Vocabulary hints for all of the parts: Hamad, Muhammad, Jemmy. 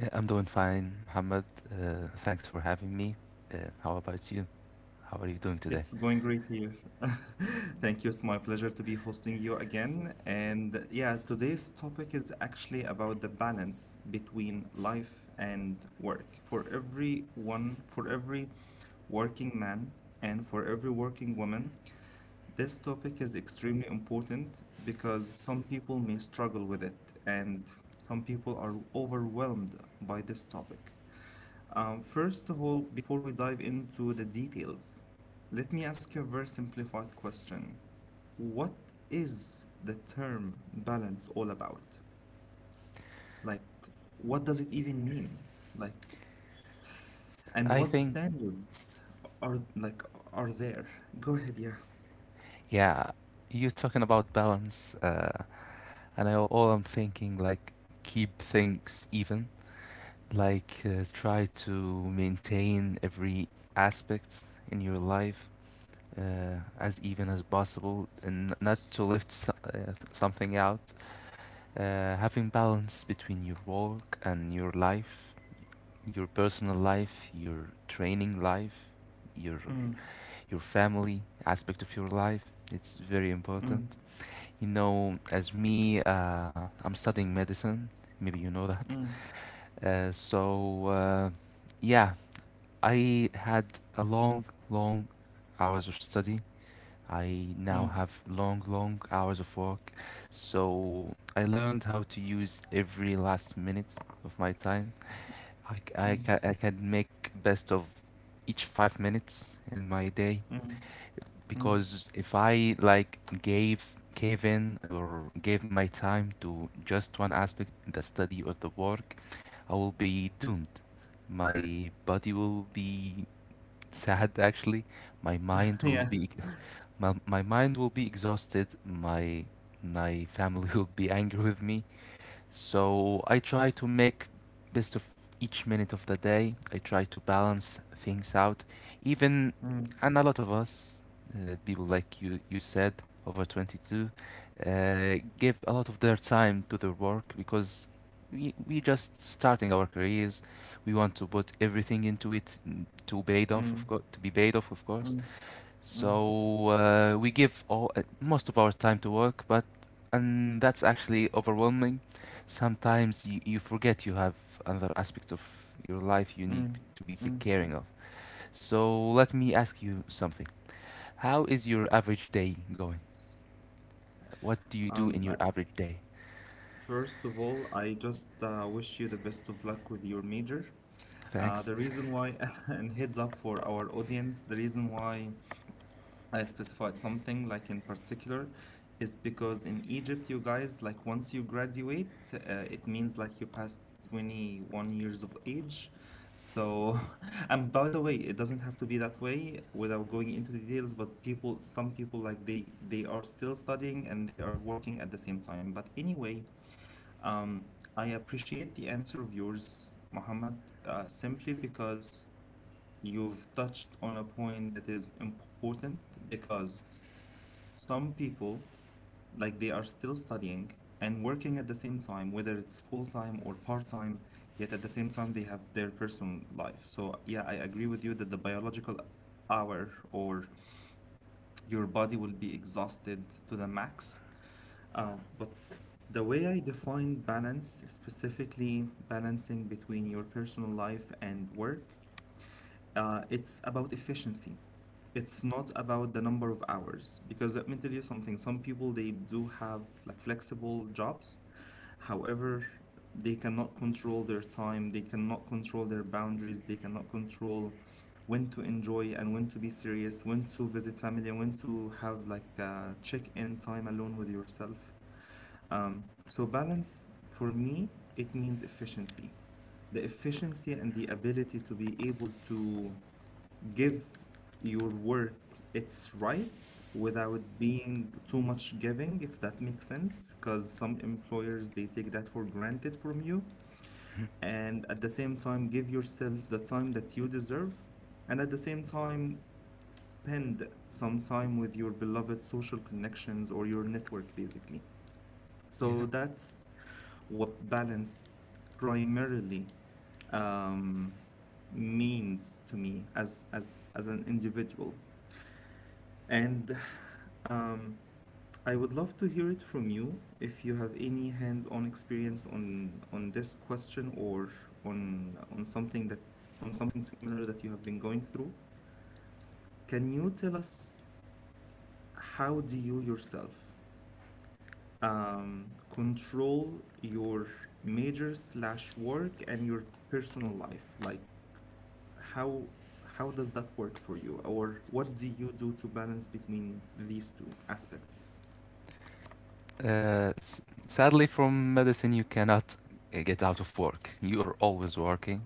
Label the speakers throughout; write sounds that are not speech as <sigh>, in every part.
Speaker 1: I'm doing fine, Hamad. Thanks for having me. How about you? How are you doing today? I think, yeah, you're talking about balance, and I, all I'm thinking like keep things even, like try to maintain every aspect in your life as even as possible, and not to lift something out. Having balance between your work and your life, your personal life, your training life, your your family aspect of your life. It's very important. You know, as me, I'm studying medicine. Maybe you know that. So yeah, I had a long, long hours of study. I now have long, long hours of work. So I learned how to use every last minute of my time. I I I can make best of each 5 minutes in my day, because if I like gave in or gave my time to just one aspect, the study or the work, I will be doomed. My body will be <laughs> sad actually. My mind will be <laughs> my mind will be exhausted. My family <laughs> will be angry with me, so I try to make best of each minute of the day. I try to balance things out. Even, and a lot of us, people like you said, over 22, give a lot of their time to their work because we just starting our careers. We want to put everything into it to paid off, of course, to be paid off, of course. So we give all most of our time to work, but and that's actually overwhelming. Sometimes you forget you have other aspects of your life you need to be caring of. So let me ask you something. How is your average day going? What do you do in your average day? Thanks. <laughs> Yeah. Sadly, from medicine, you cannot get out of work. You are always working.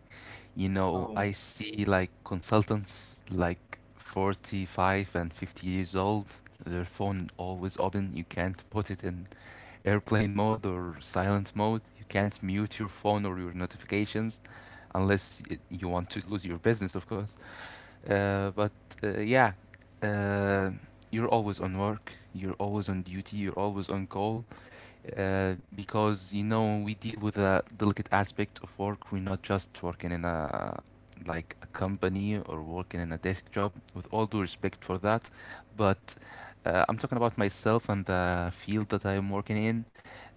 Speaker 1: You know, I see like consultants like 45 and 50 years old, their phone always open. You can't put it in airplane mode or silent mode. You can't mute your phone or your notifications unless you want to lose your business, of course. But uh, yeah, uh, you're always on work, you're always on duty, you're always on call, because you know we deal with a delicate aspect of work. We're not just working in a like a company or working in a desk job. With all due respect for that, but I'm talking about myself and the field that I am working in.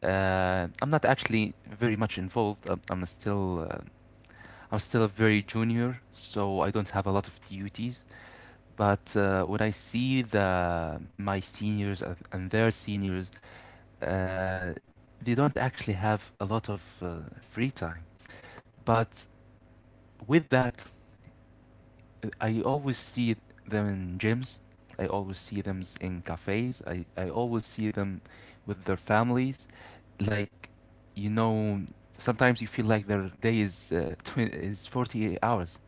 Speaker 1: I'm not actually very much involved. I'm still a very junior, so I don't have a lot of duties. But when I see the my seniors and their seniors, uh, they don't actually have a lot of free time. But with that, I always see them in gyms. I always see them in cafes. I always see them with their families. Like, you know, sometimes you feel like their day is <laughs> is 48 hours,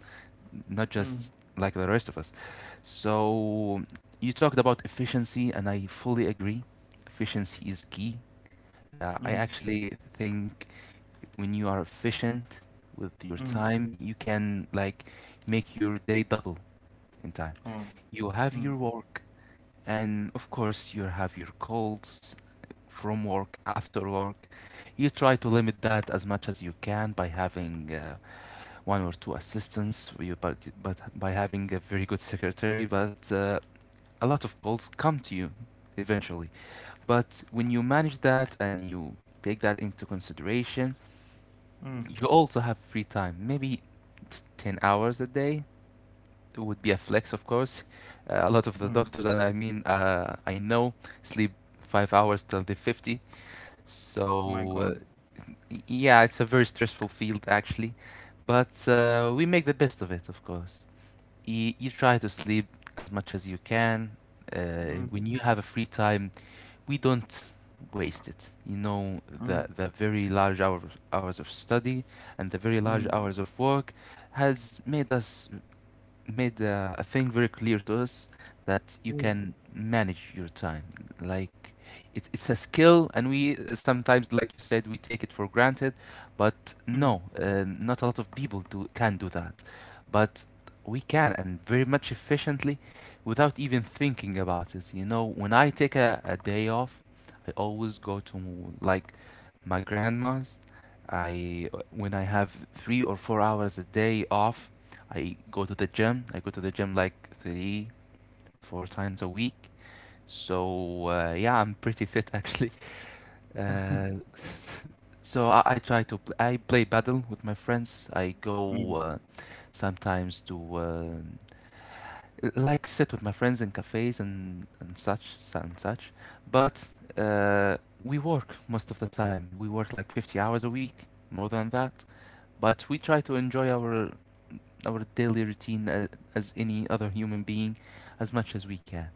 Speaker 1: not just like the rest of us. So you talked about efficiency, and I fully agree. Efficiency is key. I actually think when you are efficient with your time, you can like make your day double in time. You have your work, and of course, you have your calls from work, <laughs> after work. You try to limit that as much as you can by having one or two assistants, but by having a very good secretary. But a lot of calls come to you eventually. But when you manage that and you take that into consideration, you also have free time maybe 10 hours a day. It would be a flex, of course. A lot of the doctors that I know sleep 5 hours till they're 50. So yeah, it's a very stressful field actually, but we make the best of it, of course. You try to sleep as much as you can when you have a free time. We don't waste it. You know, the very large hours of study and the very large hours of work has made us made a thing very clear to us, that you can manage your time. Like it's a skill, and we sometimes, like you said, we take it for granted. But no, not a lot of people do can do that. But we can, and very much efficiently, without even thinking about it. You know, when I take a day off, I always go to like my grandma's. I when I have 3 or 4 hours a day off, I go to the gym. I go to the gym like three, four times a week. So yeah, I'm pretty fit actually. Uh, <laughs> so I try to I play paddle with my friends. I go sometimes to like sit with my friends in cafes and such and such. But uh, we work most of the time. We work like 50 hours a week, more than that. But we try to enjoy our daily routine as any other human being as much as we can.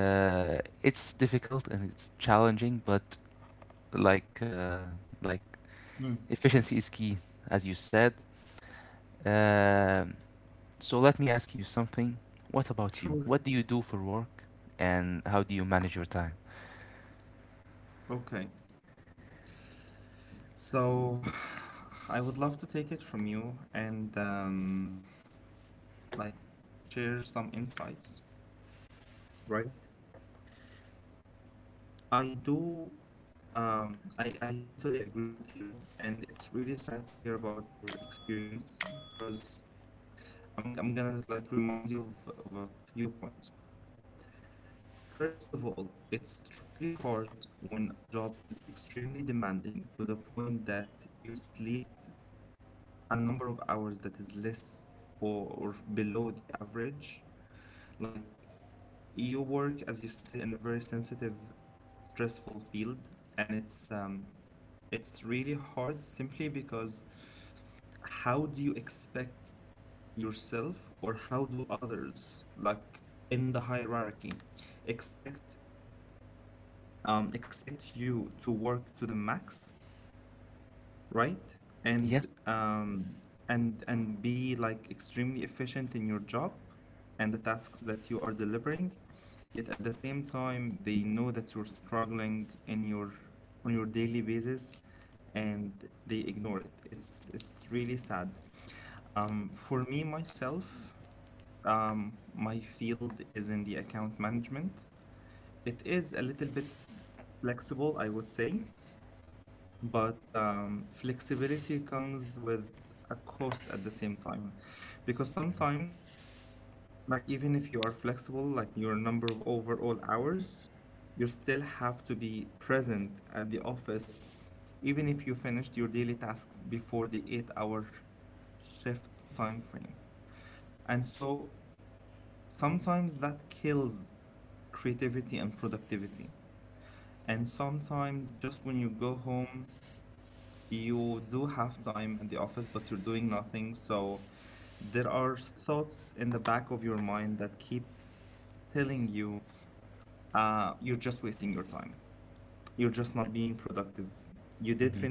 Speaker 1: It's difficult and it's challenging, but like uh, like efficiency is key, as you said. Um so let me ask you something. What about you? What do you do for work, and how do you manage your time? Yes. Mhm.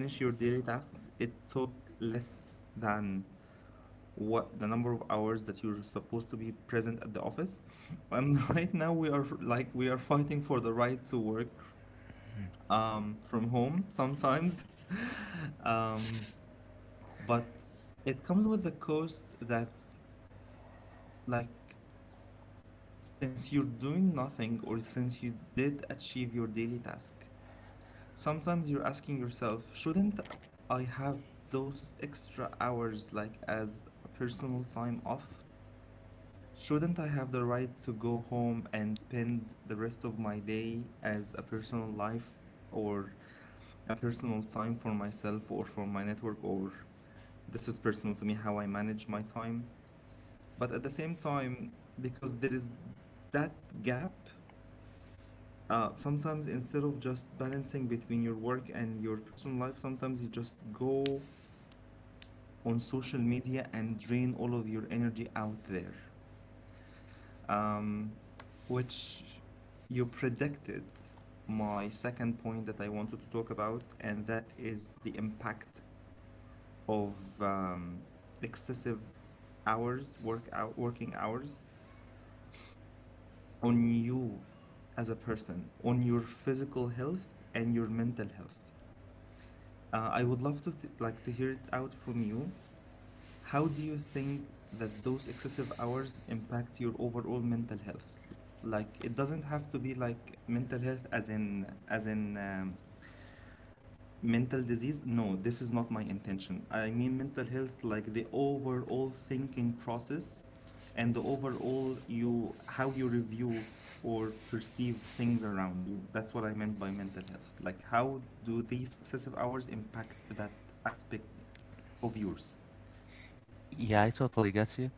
Speaker 1: Yeah, I totally get you.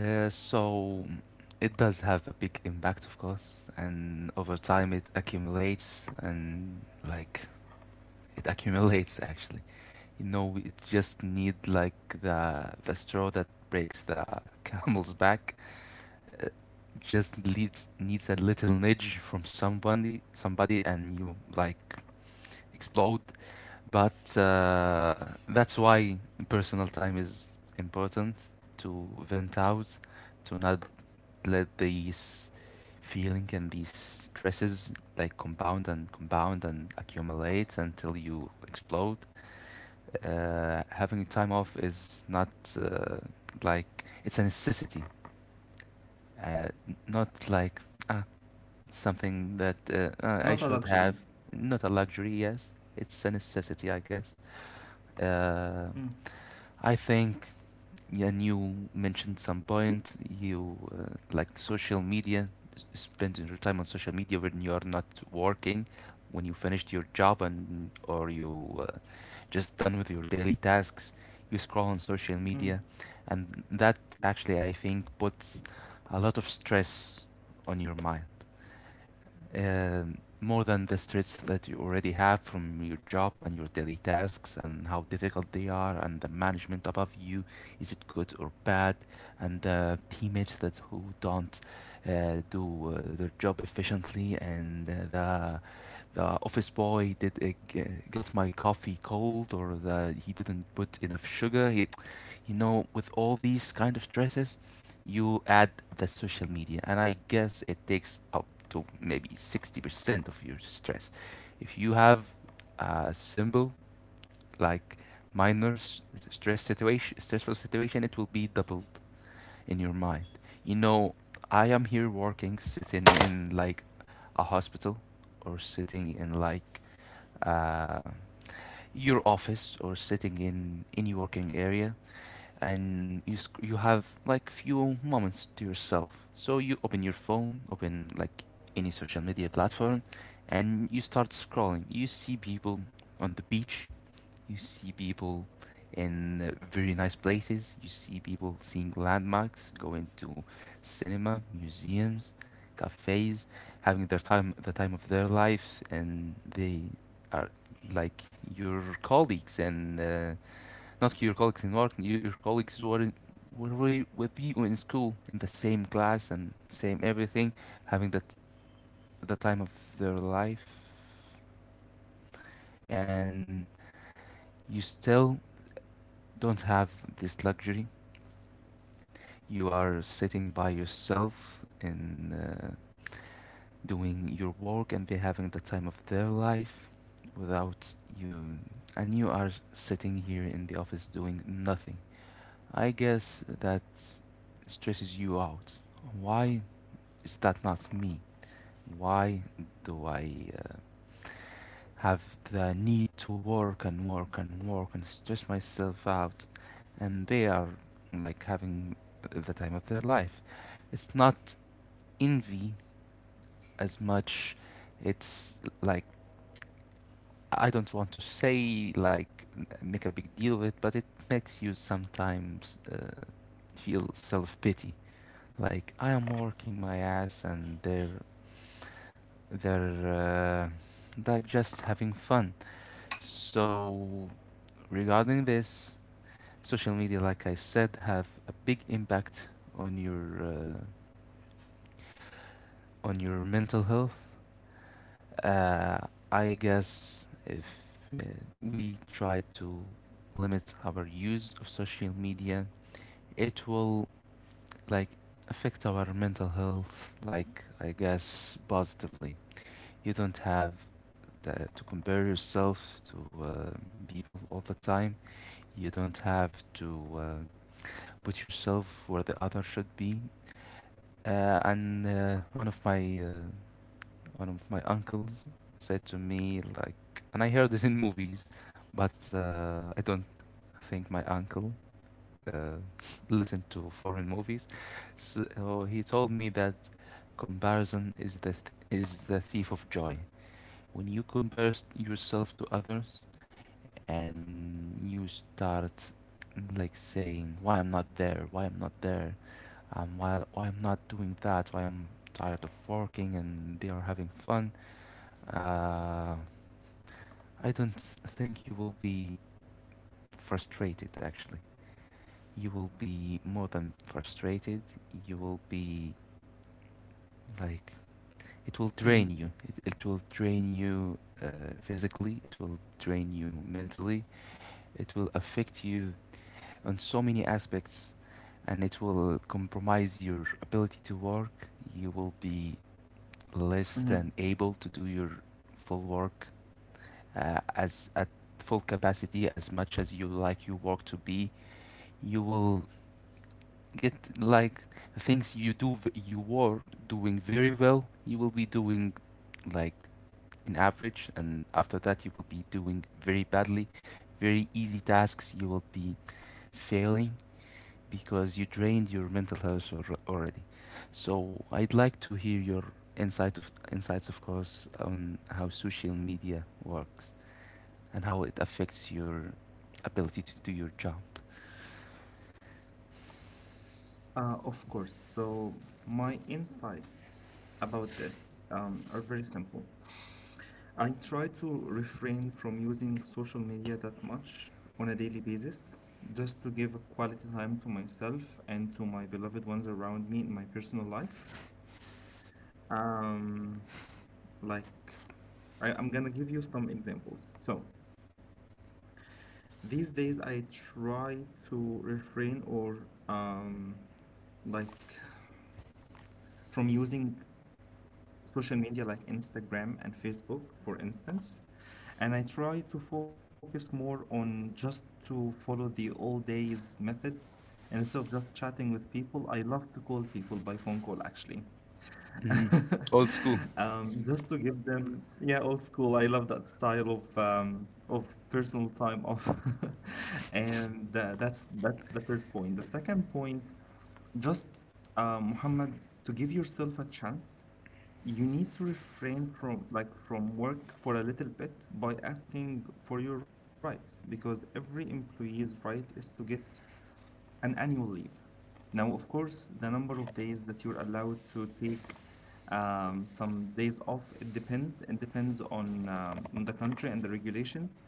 Speaker 1: So it does have a big impact, of course, and over time it accumulates and like it accumulates actually. You know, it just need like the straw that breaks the <laughs> camel's back. It just leads, needs a little nudge from somebody, somebody, and you like explode. But that's why personal time is important, to vent out, to not let these feeling and these stresses like compound and compound and accumulate until you explode. Having time off is not uh, like it's a necessity, uh, not like ah, it's something that I should have. Not a luxury, yes. It's a necessity, I guess. Uh, I think yeah, and you mentioned some point you like social media, spending your time on social media when you are not working, when you finished your job and or you just done with your daily tasks, you scroll on social media, and that actually I think puts a lot of stress on your mind, more than the stress that you already have from your job and your daily tasks and how difficult they are, and the management above you, is it good or bad, and the teammates that who don't do their job efficiently, and the office boy did get my coffee cold or that he didn't put enough sugar. He, you know, with all these kind of stresses, you add the social media, and I guess it takes up to maybe 60% of your stress. If you have a symbol like minor s- stress situation, stressful situation, it will be doubled in your mind. You know, I am here working, sitting in like a hospital or sitting in like uh, your office or sitting in any working area, and you you have like few moments to yourself, so you open your phone, open like any social media platform and you start scrolling. You see people on the beach, you see people in very nice places. You see people seeing landmarks, going to cinema, museums, cafes, having their time, the time of their life, and they are like your colleagues and not your colleagues in work. You, your colleagues who are in, were with you in school in the same class and same everything, having the time of their life, and you still don't have this luxury. You are sitting by yourself and doing your work, and they're having the time of their life without you, and you are sitting here in the office doing nothing. I guess that stresses you out. Why is that not me? Why do I have the need to work and work and work and stress myself out, and they are like having the time of their life. It's not envy as much. It's like I don't want to say like make a big deal of it, but it makes you sometimes feel self pity. Like I am working my ass and they're like just having fun. So regarding this, social media, like I said, have a big impact on your uh, on your mental health. Uh, I guess if we try to limit our use of social media, it will like affect our mental health, like I guess positively. You don't have the, to compare yourself to uh, people all the time. You don't have to put yourself where the other should be. And one of my uncles said to me like, and I heard this in movies, but I don't think my uncle uh, <laughs> listened to foreign movies, so so he told me that comparison is the is the thief of joy. When you compare yourself to others and you start like saying why I'm not there, why I'm not there, why I'm not doing that, why I'm tired of working and they are having fun, uh, I don't think you will be frustrated, actually. You will be more than frustrated. You will be like, it will drain you. It will
Speaker 2: Mhm,
Speaker 1: drain you physically, it will drain you mentally, it will affect you on so many aspects, and it will compromise your ability to work. You will be less
Speaker 2: mhm.
Speaker 1: than able to do your full work as at full capacity as much as you like your work to be. You will get like things you do, you were doing very well, you will be doing like an average, and after that you will be doing very badly. Very easy tasks you will be failing, because you drained your mental health already. So I'd like to hear your insight of insights, of course, on how social media works and how it affects your ability to do your job.
Speaker 2: Of course. So, my insights about this are very simple. I try to refrain from using social media that much on a daily basis, just to give a quality time to myself and to my beloved ones around me in my personal life. Um, like, I'm gonna give you some examples. So, these days I try to refrain or like from using social media like Instagram and Facebook, for instance. And I try to focus more on just to follow the all days method. And instead of just chatting with people, I love to call people by phone call actually.
Speaker 1: Hmm.
Speaker 2: <laughs>
Speaker 1: Old school.
Speaker 2: Just to give them, yeah, old school. I love that style of personal time off. <laughs> And that's the first point. The second point just, Muhammad, to give yourself a chance, you need to refrain from from work for a little bit by asking for your rights, because every employee's right is to get an annual leave. Now, of course, the number of days that you're allowed to take some days off, it depends. It depends on the country and the regulations.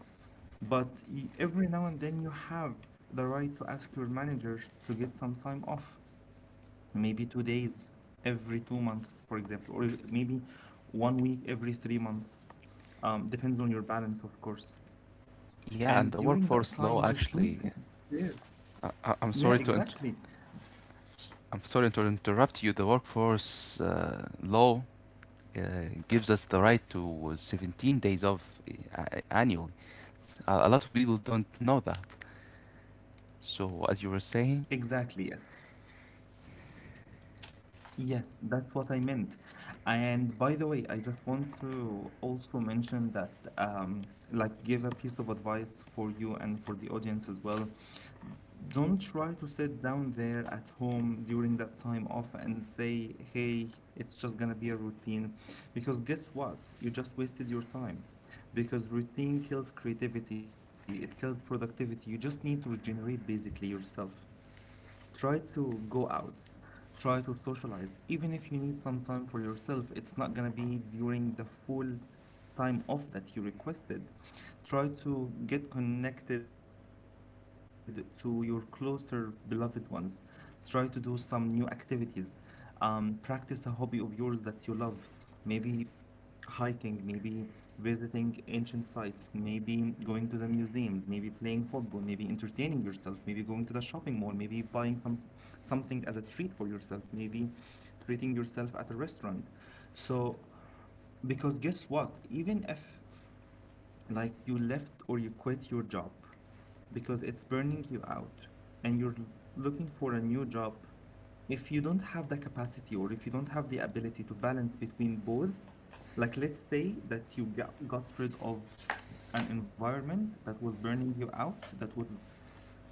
Speaker 2: But every now and then you have the right to ask your manager to get some time off, maybe 2 days every 2 months, for example, or maybe 1 week every 3 months. Depends on your balance, of course. And
Speaker 1: Yeah, and the
Speaker 2: during that time,
Speaker 1: workforce
Speaker 2: just
Speaker 1: law
Speaker 2: don't sit
Speaker 1: actually,
Speaker 2: there.
Speaker 1: I'm
Speaker 2: Yeah,
Speaker 1: sorry to
Speaker 2: exactly.
Speaker 1: I'm sorry to interrupt you. The workforce law uh, gives us the right to 17 days off, uh, annually. A lot of people don't know that. So as you were saying,
Speaker 2: Exactly, yes. Yes, that's what I meant. And by the way, I just want to also mention that, give a piece of advice for you and for the audience as well. Don't try to sit down there at home during that time off and say, hey, it's just gonna be a routine. Because guess what? You just wasted your time. Because routine kills creativity, it kills productivity. You just need to regenerate basically yourself. Try to go out, try to socialize. Even if you need some time for yourself, it's not gonna be during the full time off that you requested. Try to get connected to your closer beloved ones. Try to do some new activities. Practice a hobby of yours that you love. Maybe hiking, maybe visiting ancient sites, maybe going to the museums, maybe playing football, maybe entertaining yourself, maybe going to the shopping mall, maybe buying something as a treat for yourself, maybe treating yourself at a restaurant. So, because guess what? Even if like you left or you quit your job because it's burning you out and looking for a new job, if you don't have the capacity or if you don't have the ability to balance between both, like let's say that you got rid of an environment that was burning you out, that was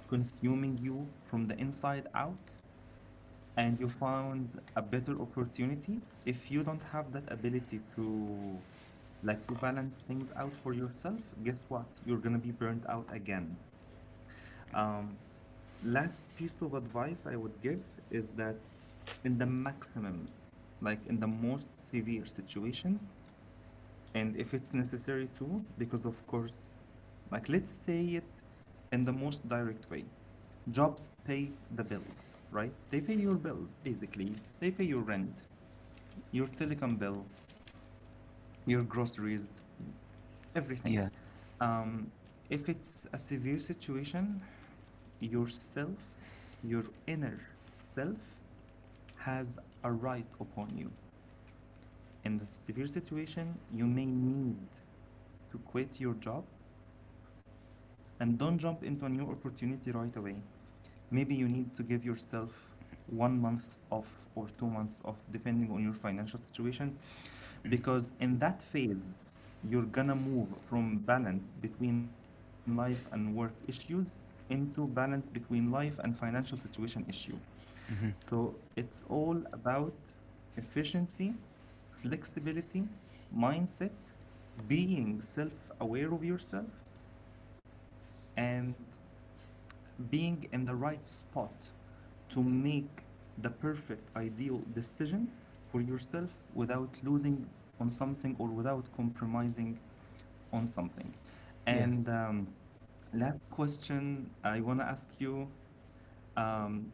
Speaker 2: consuming you from the inside out, and you found a better opportunity. If you don't have that ability to to balance things out for yourself, guess what? You're gonna be burnt out again. um, Last piece of advice I would give is that in the maximum, like in the most severe situations, and if it's necessary too, because of course, like let's say it in the most direct way. Jobs pay the bills, right? They pay your bills, basically. They pay your rent, your telecom bill, your groceries, everything.
Speaker 1: yeah,
Speaker 2: Um, if it's a severe situation, yourself, your inner self, has a right upon you. In the severe situation, you may need to quit your job and don't jump into a new opportunity right away. Maybe you need to give yourself 1 month off or 2 months off, depending on your financial situation, because in that phase, you're gonna move from balance between life and work issues into balance between life and financial situation issue.
Speaker 1: hmm,
Speaker 2: So it's all about efficiency, flexibility, mindset, being self aware of yourself, and being in the right spot to make the perfect ideal decision for yourself without losing on something or without compromising on something.
Speaker 1: yeah.
Speaker 2: And last question I want to ask you, um,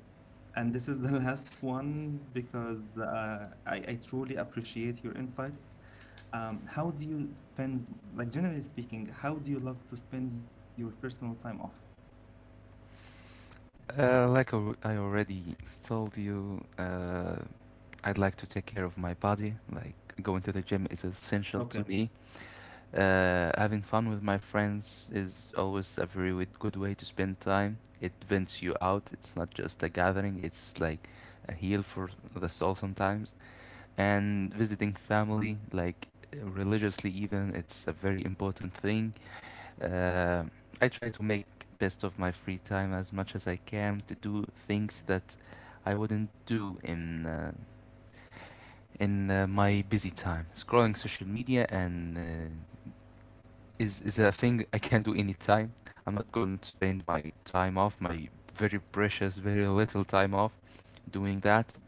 Speaker 2: and this is the <laughs> last one, because I truly appreciate your insights. How do you spend, like generally speaking, how do you love to spend your personal time off?
Speaker 1: Like I I already told you, I'd like to take care of my body. Like going to the gym is essential
Speaker 2: Okay.
Speaker 1: to me. Having fun with my friends is always a very good way to spend time. It vents you out. It's not just a gathering, it's like a heal for the soul sometimes. And visiting family, like religiously, even, it's a very important thing. Uh, I try to make best of my free time as much as I can to do things that I wouldn't do in my busy time. Scrolling social media and is a thing I can do anytime. I'm not going to spend my time off, my very precious, very little time off, doing that.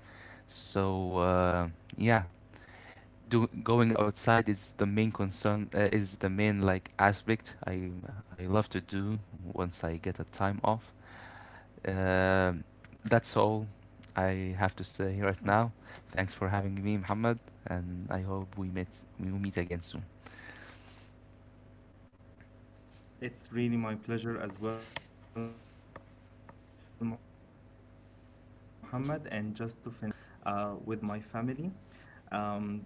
Speaker 1: So yeah, do, going outside is the main concern. Is the main like aspect I love to do once I get a time off. Um that's all I have to say right now. Thanks for having me, Muhammad, and I hope we will meet again soon.
Speaker 2: It's really my pleasure as well, Mohammed. And just to finish this off, for me, I love to spend quality time with my family.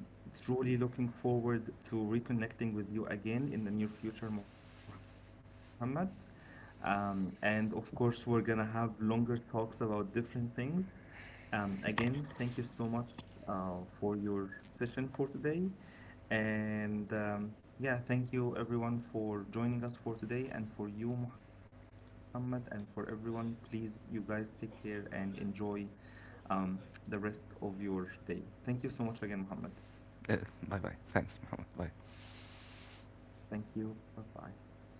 Speaker 2: Um, Truly looking forward to reconnecting with you again in the near future, Mohammed. And of course, we're gonna have longer talks about different things. Again, thank you so much for your session for today. And yeah, thank you everyone for joining us for today and for you, Muhammad, and for everyone. Please, you guys take care and enjoy um, the rest of your day. Thank you so much again, Muhammad.
Speaker 1: Uh, Bye bye. Thanks, Muhammad. Bye.
Speaker 2: Thank you. Bye bye.